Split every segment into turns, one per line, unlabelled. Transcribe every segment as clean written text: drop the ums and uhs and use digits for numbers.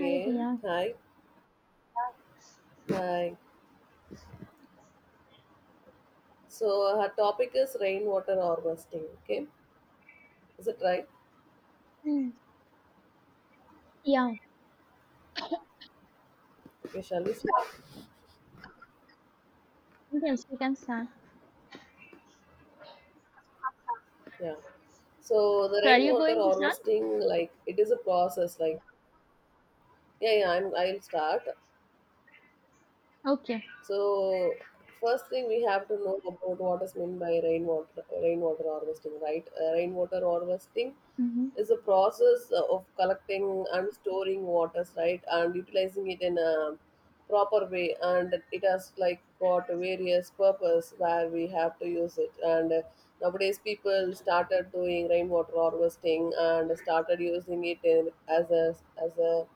Hi Ria.
hi, hi. So her topic is rainwater harvesting. Okay, is it right?
Hmm. Yeah,
Okay, shall we start?
yes, we can start.
Yeah. So the
So are you
rainwater
going to start?
harvesting, like it is a process. Like yeah, yeah. I'll start.
Okay.
So first thing we have to know about what is meant by rainwater harvesting, right? Rainwater harvesting
Mm-hmm.
is a process of collecting and storing waters, right, and utilizing it in a proper way, and it has like got various purpose where we have to use it. And nowadays, people started doing rainwater harvesting and started using it in, as a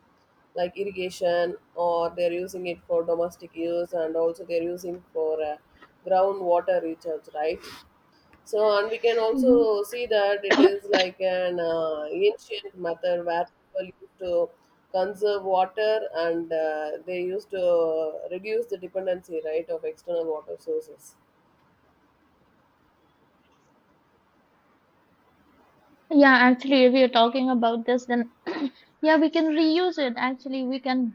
like irrigation, or they're using it for domestic use, and also they're using for groundwater recharge, right? So and we can
Mm-hmm.
also see that it is like an ancient method where people used to conserve water, and they used to reduce the dependency, right, of external water sources.
Yeah, actually, if you're talking about this, then yeah, we can reuse it. Actually, we can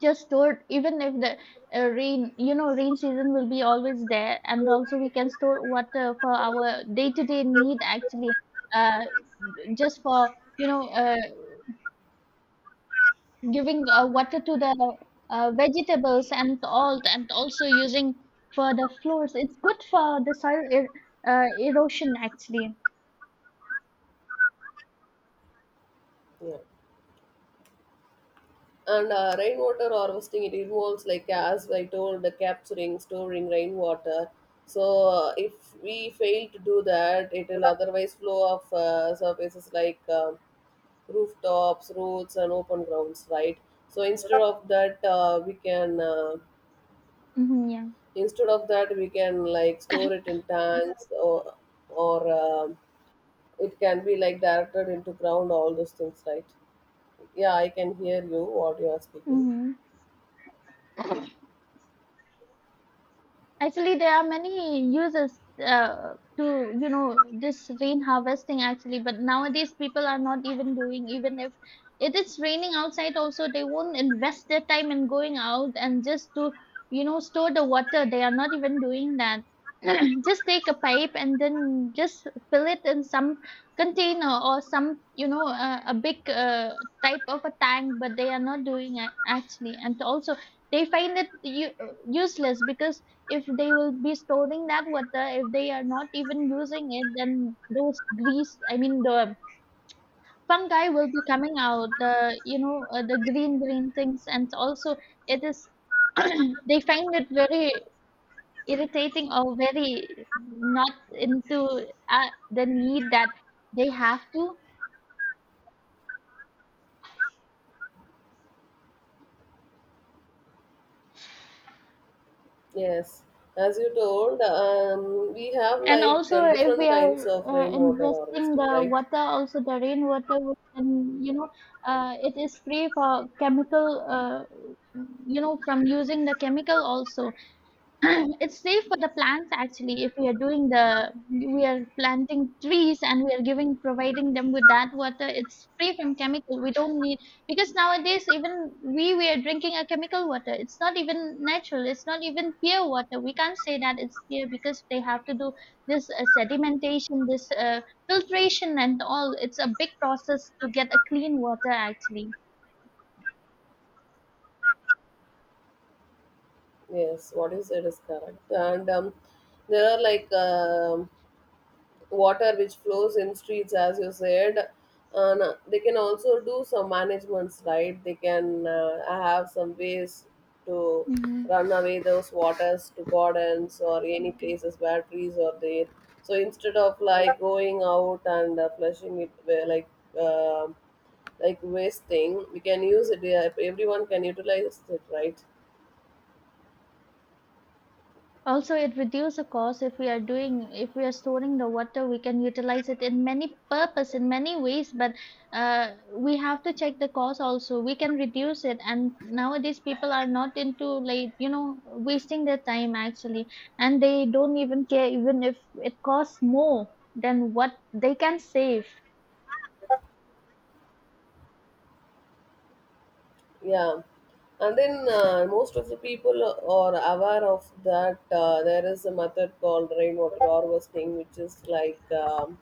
just store it, even if the rain season will be always there, and also we can store water for our day-to-day need. Actually, uh, just for you know, uh, giving water to the vegetables and all, and also using for the floors. It's good for the soil erosion, actually.
Yeah. And rainwater harvesting, it involves, like as I told, the capturing, storing rainwater. So if we fail to do that, it will otherwise flow off surfaces like rooftops, roads, and open grounds, right? So instead of that, we can
Hmm, yeah.
instead of that we can like store it in tanks or it can be like directed into ground, all those things, right? Yeah, I can hear you what you are speaking.
Mm-hmm. Actually, there are many uses to, this rain harvesting actually, but nowadays people are not even doing, even if it is raining outside also, they won't invest their time in going out and just to, store the water. They are not even doing that. Just take a pipe and then just fill it in some container or some, a big type of a tank, but they are not doing it actually. And also, they find it useless, because if they will be storing that water, if they are not even using it, then those grease, I mean the fungi, will be coming out the the green things. And also it is, they find it very irritating or very not into the need that they have to.
Yes, as you told, we have
And
like
also, if we
different
are
kinds of rainwater
investing
harvesting,
the
right?
water, also the rainwater, we can, it is free for chemical, from using the chemical also. It's safe for the plants actually, if we are doing the we are planting trees, and we are giving providing them with that water. It's free from chemical. We don't need, because nowadays even we are drinking a chemical water. It's not even natural. It's not even pure water. We can't say that it's pure, because they have to do this sedimentation, this filtration and all. It's a big process to get a clean water actually.
Yes, what you said is correct. And there are like water which flows in streets, as you said. And they can also do some managements, right? They can have some ways to
Mhm.
run away those waters to gardens or any places where trees are there. So instead of like going out and flushing it, um like wasting, we can use it, yeah, everyone can utilize it, right?
Also, it reduces the cost if we are doing if we are storing the water. We can utilize it in many purpose in many ways. But we have to check the cost also. We can reduce it, and nowadays people are not into, like, wasting their time actually, and they don't even care even if it costs more than what they can save.
Yeah, and then most of the people are aware of that there is a method called rainwater harvesting, which is like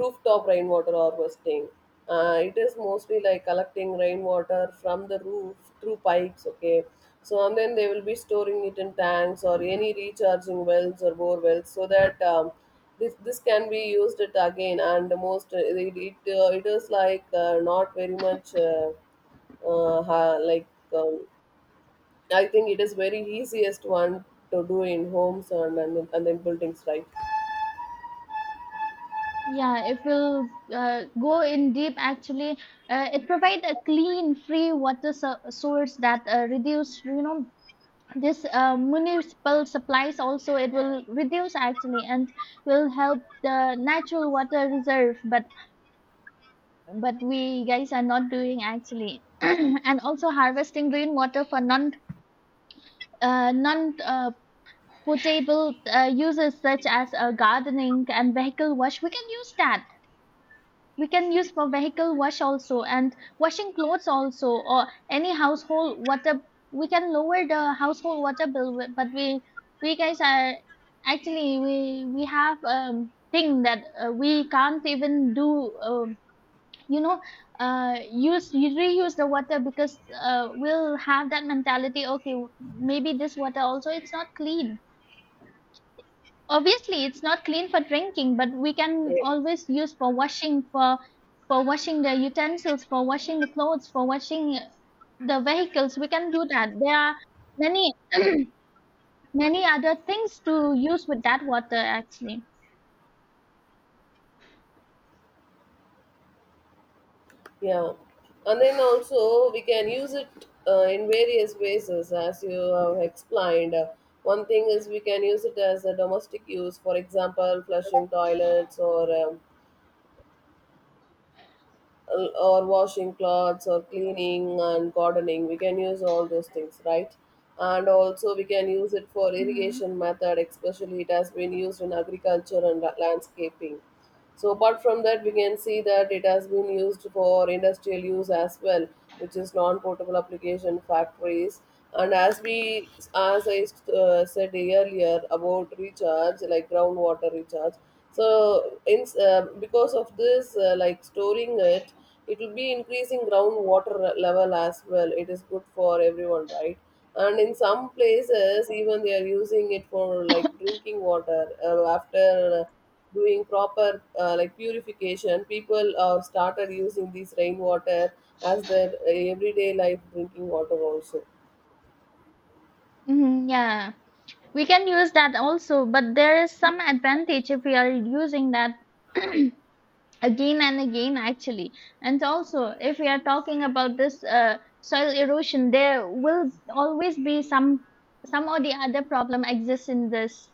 rooftop rainwater harvesting. It is mostly like collecting rainwater from the roof through pipes, okay? So and then they will be storing it in tanks or any recharging wells or bore wells, so that this can be used it again, and the most it is like not very much uh, ha- like um, I think it is very easiest one to do in homes and and in buildings, right?
Yeah, if we'll go in deep, actually, it provides a clean, free water source that reduce, this municipal supplies also, it will reduce actually and will help the natural water reserve, but we guys are not doing actually. And also, harvesting rainwater for non potable uses, such as gardening and vehicle wash. We can use that. We can use for vehicle wash also, and washing clothes also, or any household water. We can lower the household water bill, but we guys are actually, we have thing that we can't even do. You know use You reuse the water, because we'll have that mentality. Okay, maybe this water also, it's not clean. Obviously, it's not clean for drinking, but we can
Yeah.
always use for washing, for washing the utensils, for washing the clothes, for washing the vehicles. We can do that. There are many, many other things to use with that water actually.
Yeah, and then also we can use it in various ways, as you have explained. One thing is we can use it as a domestic use, for example, flushing toilets, or or washing clothes or cleaning and gardening. We can use all those things, right? And also we can use it for
Hmm,
irrigation method, especially it has been used in agriculture and landscaping. So apart from that, we can see that it has been used for industrial use as well, which is non-portable application factories. And as we, as I said earlier about recharge, like groundwater recharge. So in because of this, like storing it, it will be increasing groundwater level as well. It is good for everyone, right? And in some places, even they are using it for like drinking water after doing proper like purification, people started using this rainwater as their everyday life drinking water also.
hmm, yeah, we can use that also, but there is some advantage if we are using that again and again actually. And also, if we are talking about this soil erosion, there will always be some or the other problem exists in this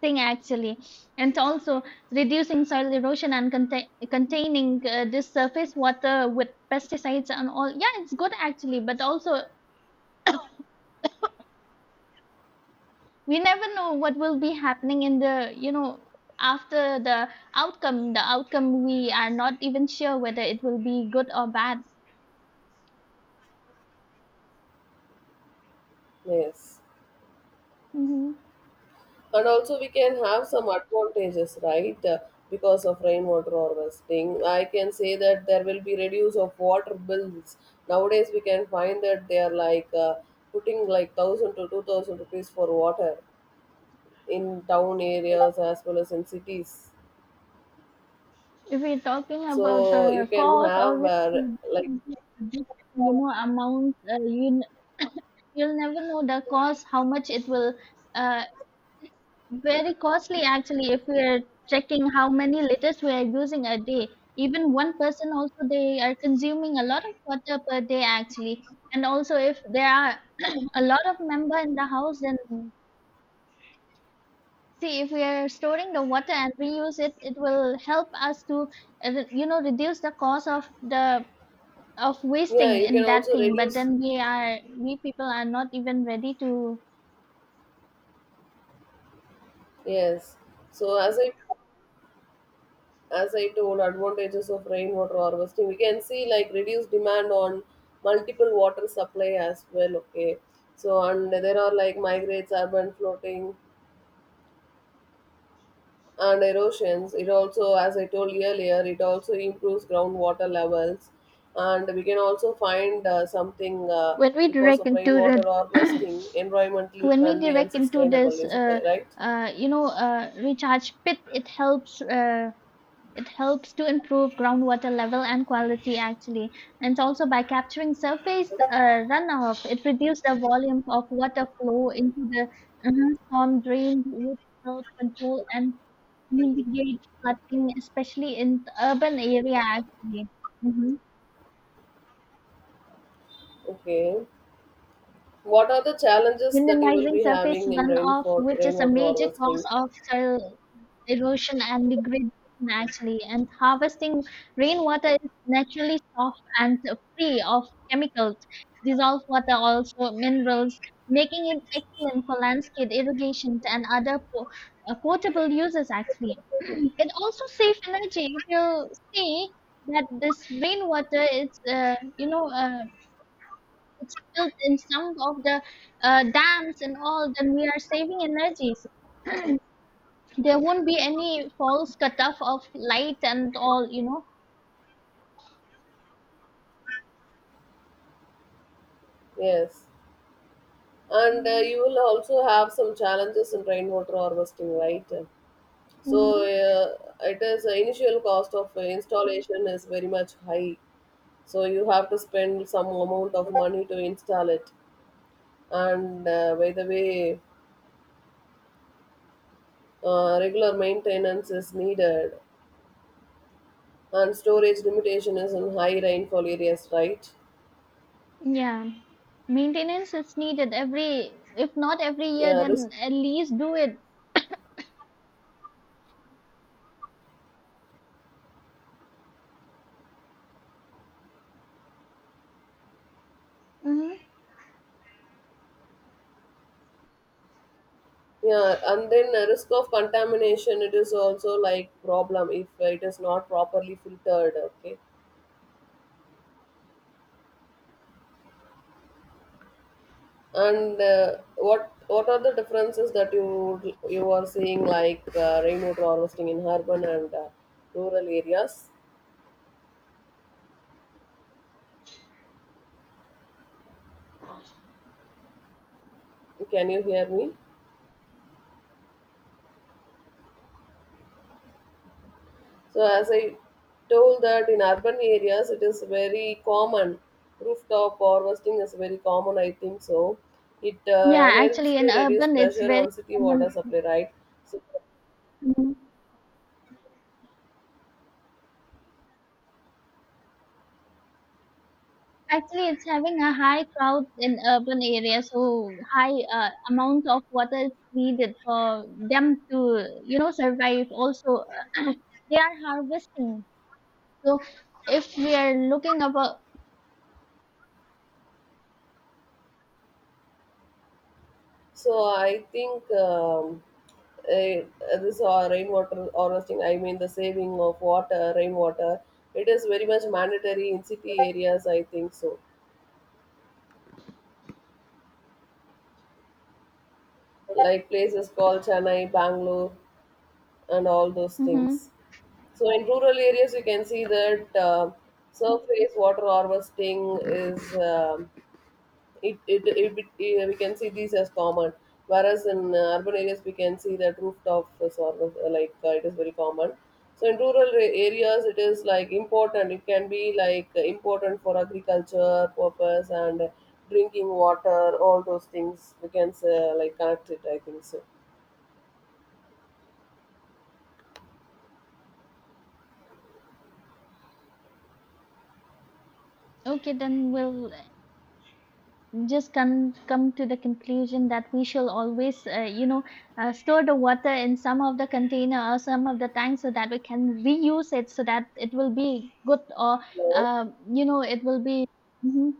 thing actually. And also, reducing soil erosion and containing this surface water with pesticides and all, yeah, it's good actually. But also, we never know what will be happening in the, after the outcome, we are not even sure whether it will be good or bad.
Yes,
Mhm.
and also we can have some advantages, right? Because of rainwater harvesting, I can say that there will be reduce of water bills. Nowadays we can find that they are like putting like 1,000 to 2,000 rupees for water in town areas as well as in cities.
If we're talking about
So you
the
can
cost,
have
obviously,
like
amount, you'll never know the cost, how much uh, it's very costly actually if we're checking how many liters we are using a day. Even one person also, they are consuming a lot of water per day actually. And also, if there are a lot of member in the house, then see, if we are storing the water and reuse it, it will help us to reduce the cost of the of
Yeah,
wasting
you
in
can
that
also
thing. But
reduce.
then we people are not even ready to.
Yes. So as I as I told, advantages of rainwater harvesting, we can see like reduced demand on multiple water supply as well. Okay. So and there are like migrates, urban flooding, and erosions. It also, as I told earlier, it also improves groundwater levels, and we can also find something.
When we
Because
direct
of
into the
rainwater harvesting, environmentally
When we
friendly and
direct into
sustainable,
this,
is it right?
recharge pit, it helps to improve groundwater level and quality actually. And also, by capturing surface runoff, it reduces the volume of water flow into the storm drains, which helps control and mitigate flooding, especially in the urban area, actually. Mhm.
Okay. What are the challenges that you will
Minimizing
be
surface
having in rain
runoff,
for
which is a
rainwater
major cause
harvesting?
of soil erosion and degradation actually. And harvesting rainwater is naturally soft and free of chemicals, dissolved water, also minerals, making it excellent for landscape irrigation and other portable uses actually. It also saves energy. If you see that this rainwater is, it's built in some of the dams and all, then we are saving energy. There won't be any false cutoff of light and all.
Yes, and you will also have some challenges in rainwater harvesting, right? So
Mhm.
it is the initial cost of installation is very much high. So you have to spend some amount of money to install it, and by the way, regular maintenance is needed, and storage limitation is in high rainfall areas, right?
Yeah, maintenance is needed every, if not every year,
Yeah, risk.
then at least do it. Mhm.
Yeah, and then risk of contamination, it is also like problem if it is not properly filtered, okay? And what are the differences that you are seeing like rainwater harvesting in urban and rural areas? Can you hear me? So as I told that in urban areas, it is very common. Rooftop harvesting is very common, I think so. It
Yeah,
helps
actually in
to reduce
urban it's
pressure
very
on city water
common.
supply, right? so
Mhm. Actually, it's having a high crowd in urban areas, so high amount of water is needed for them to survive also. They are harvesting, so if we are looking about.
So I think eh, this rainwater harvesting, I mean the saving of water, rainwater, it is very much mandatory in city areas. I think so, like places called Chennai, Bangalore, and all those things.
Mhm.
So in rural areas, you can see that surface water harvesting is it, it, it, it, we can see these as common, whereas in urban areas we can see that rooftop is sort of it is very common. So in rural areas, it is like important. It can be like important for agriculture purpose and drinking water, all those things we can say, like connect it, I think so.
Okay, then we'll just come to the conclusion that we shall always, store the water in some of the container or some of the tank so that we can reuse it, so that it will be good, or,
Hello.
it will be Mhm.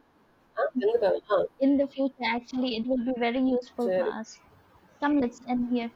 Ah, என்னடா? Ah,
in the future. Actually, it will be very useful for
சரி.
us. Come, let's end here.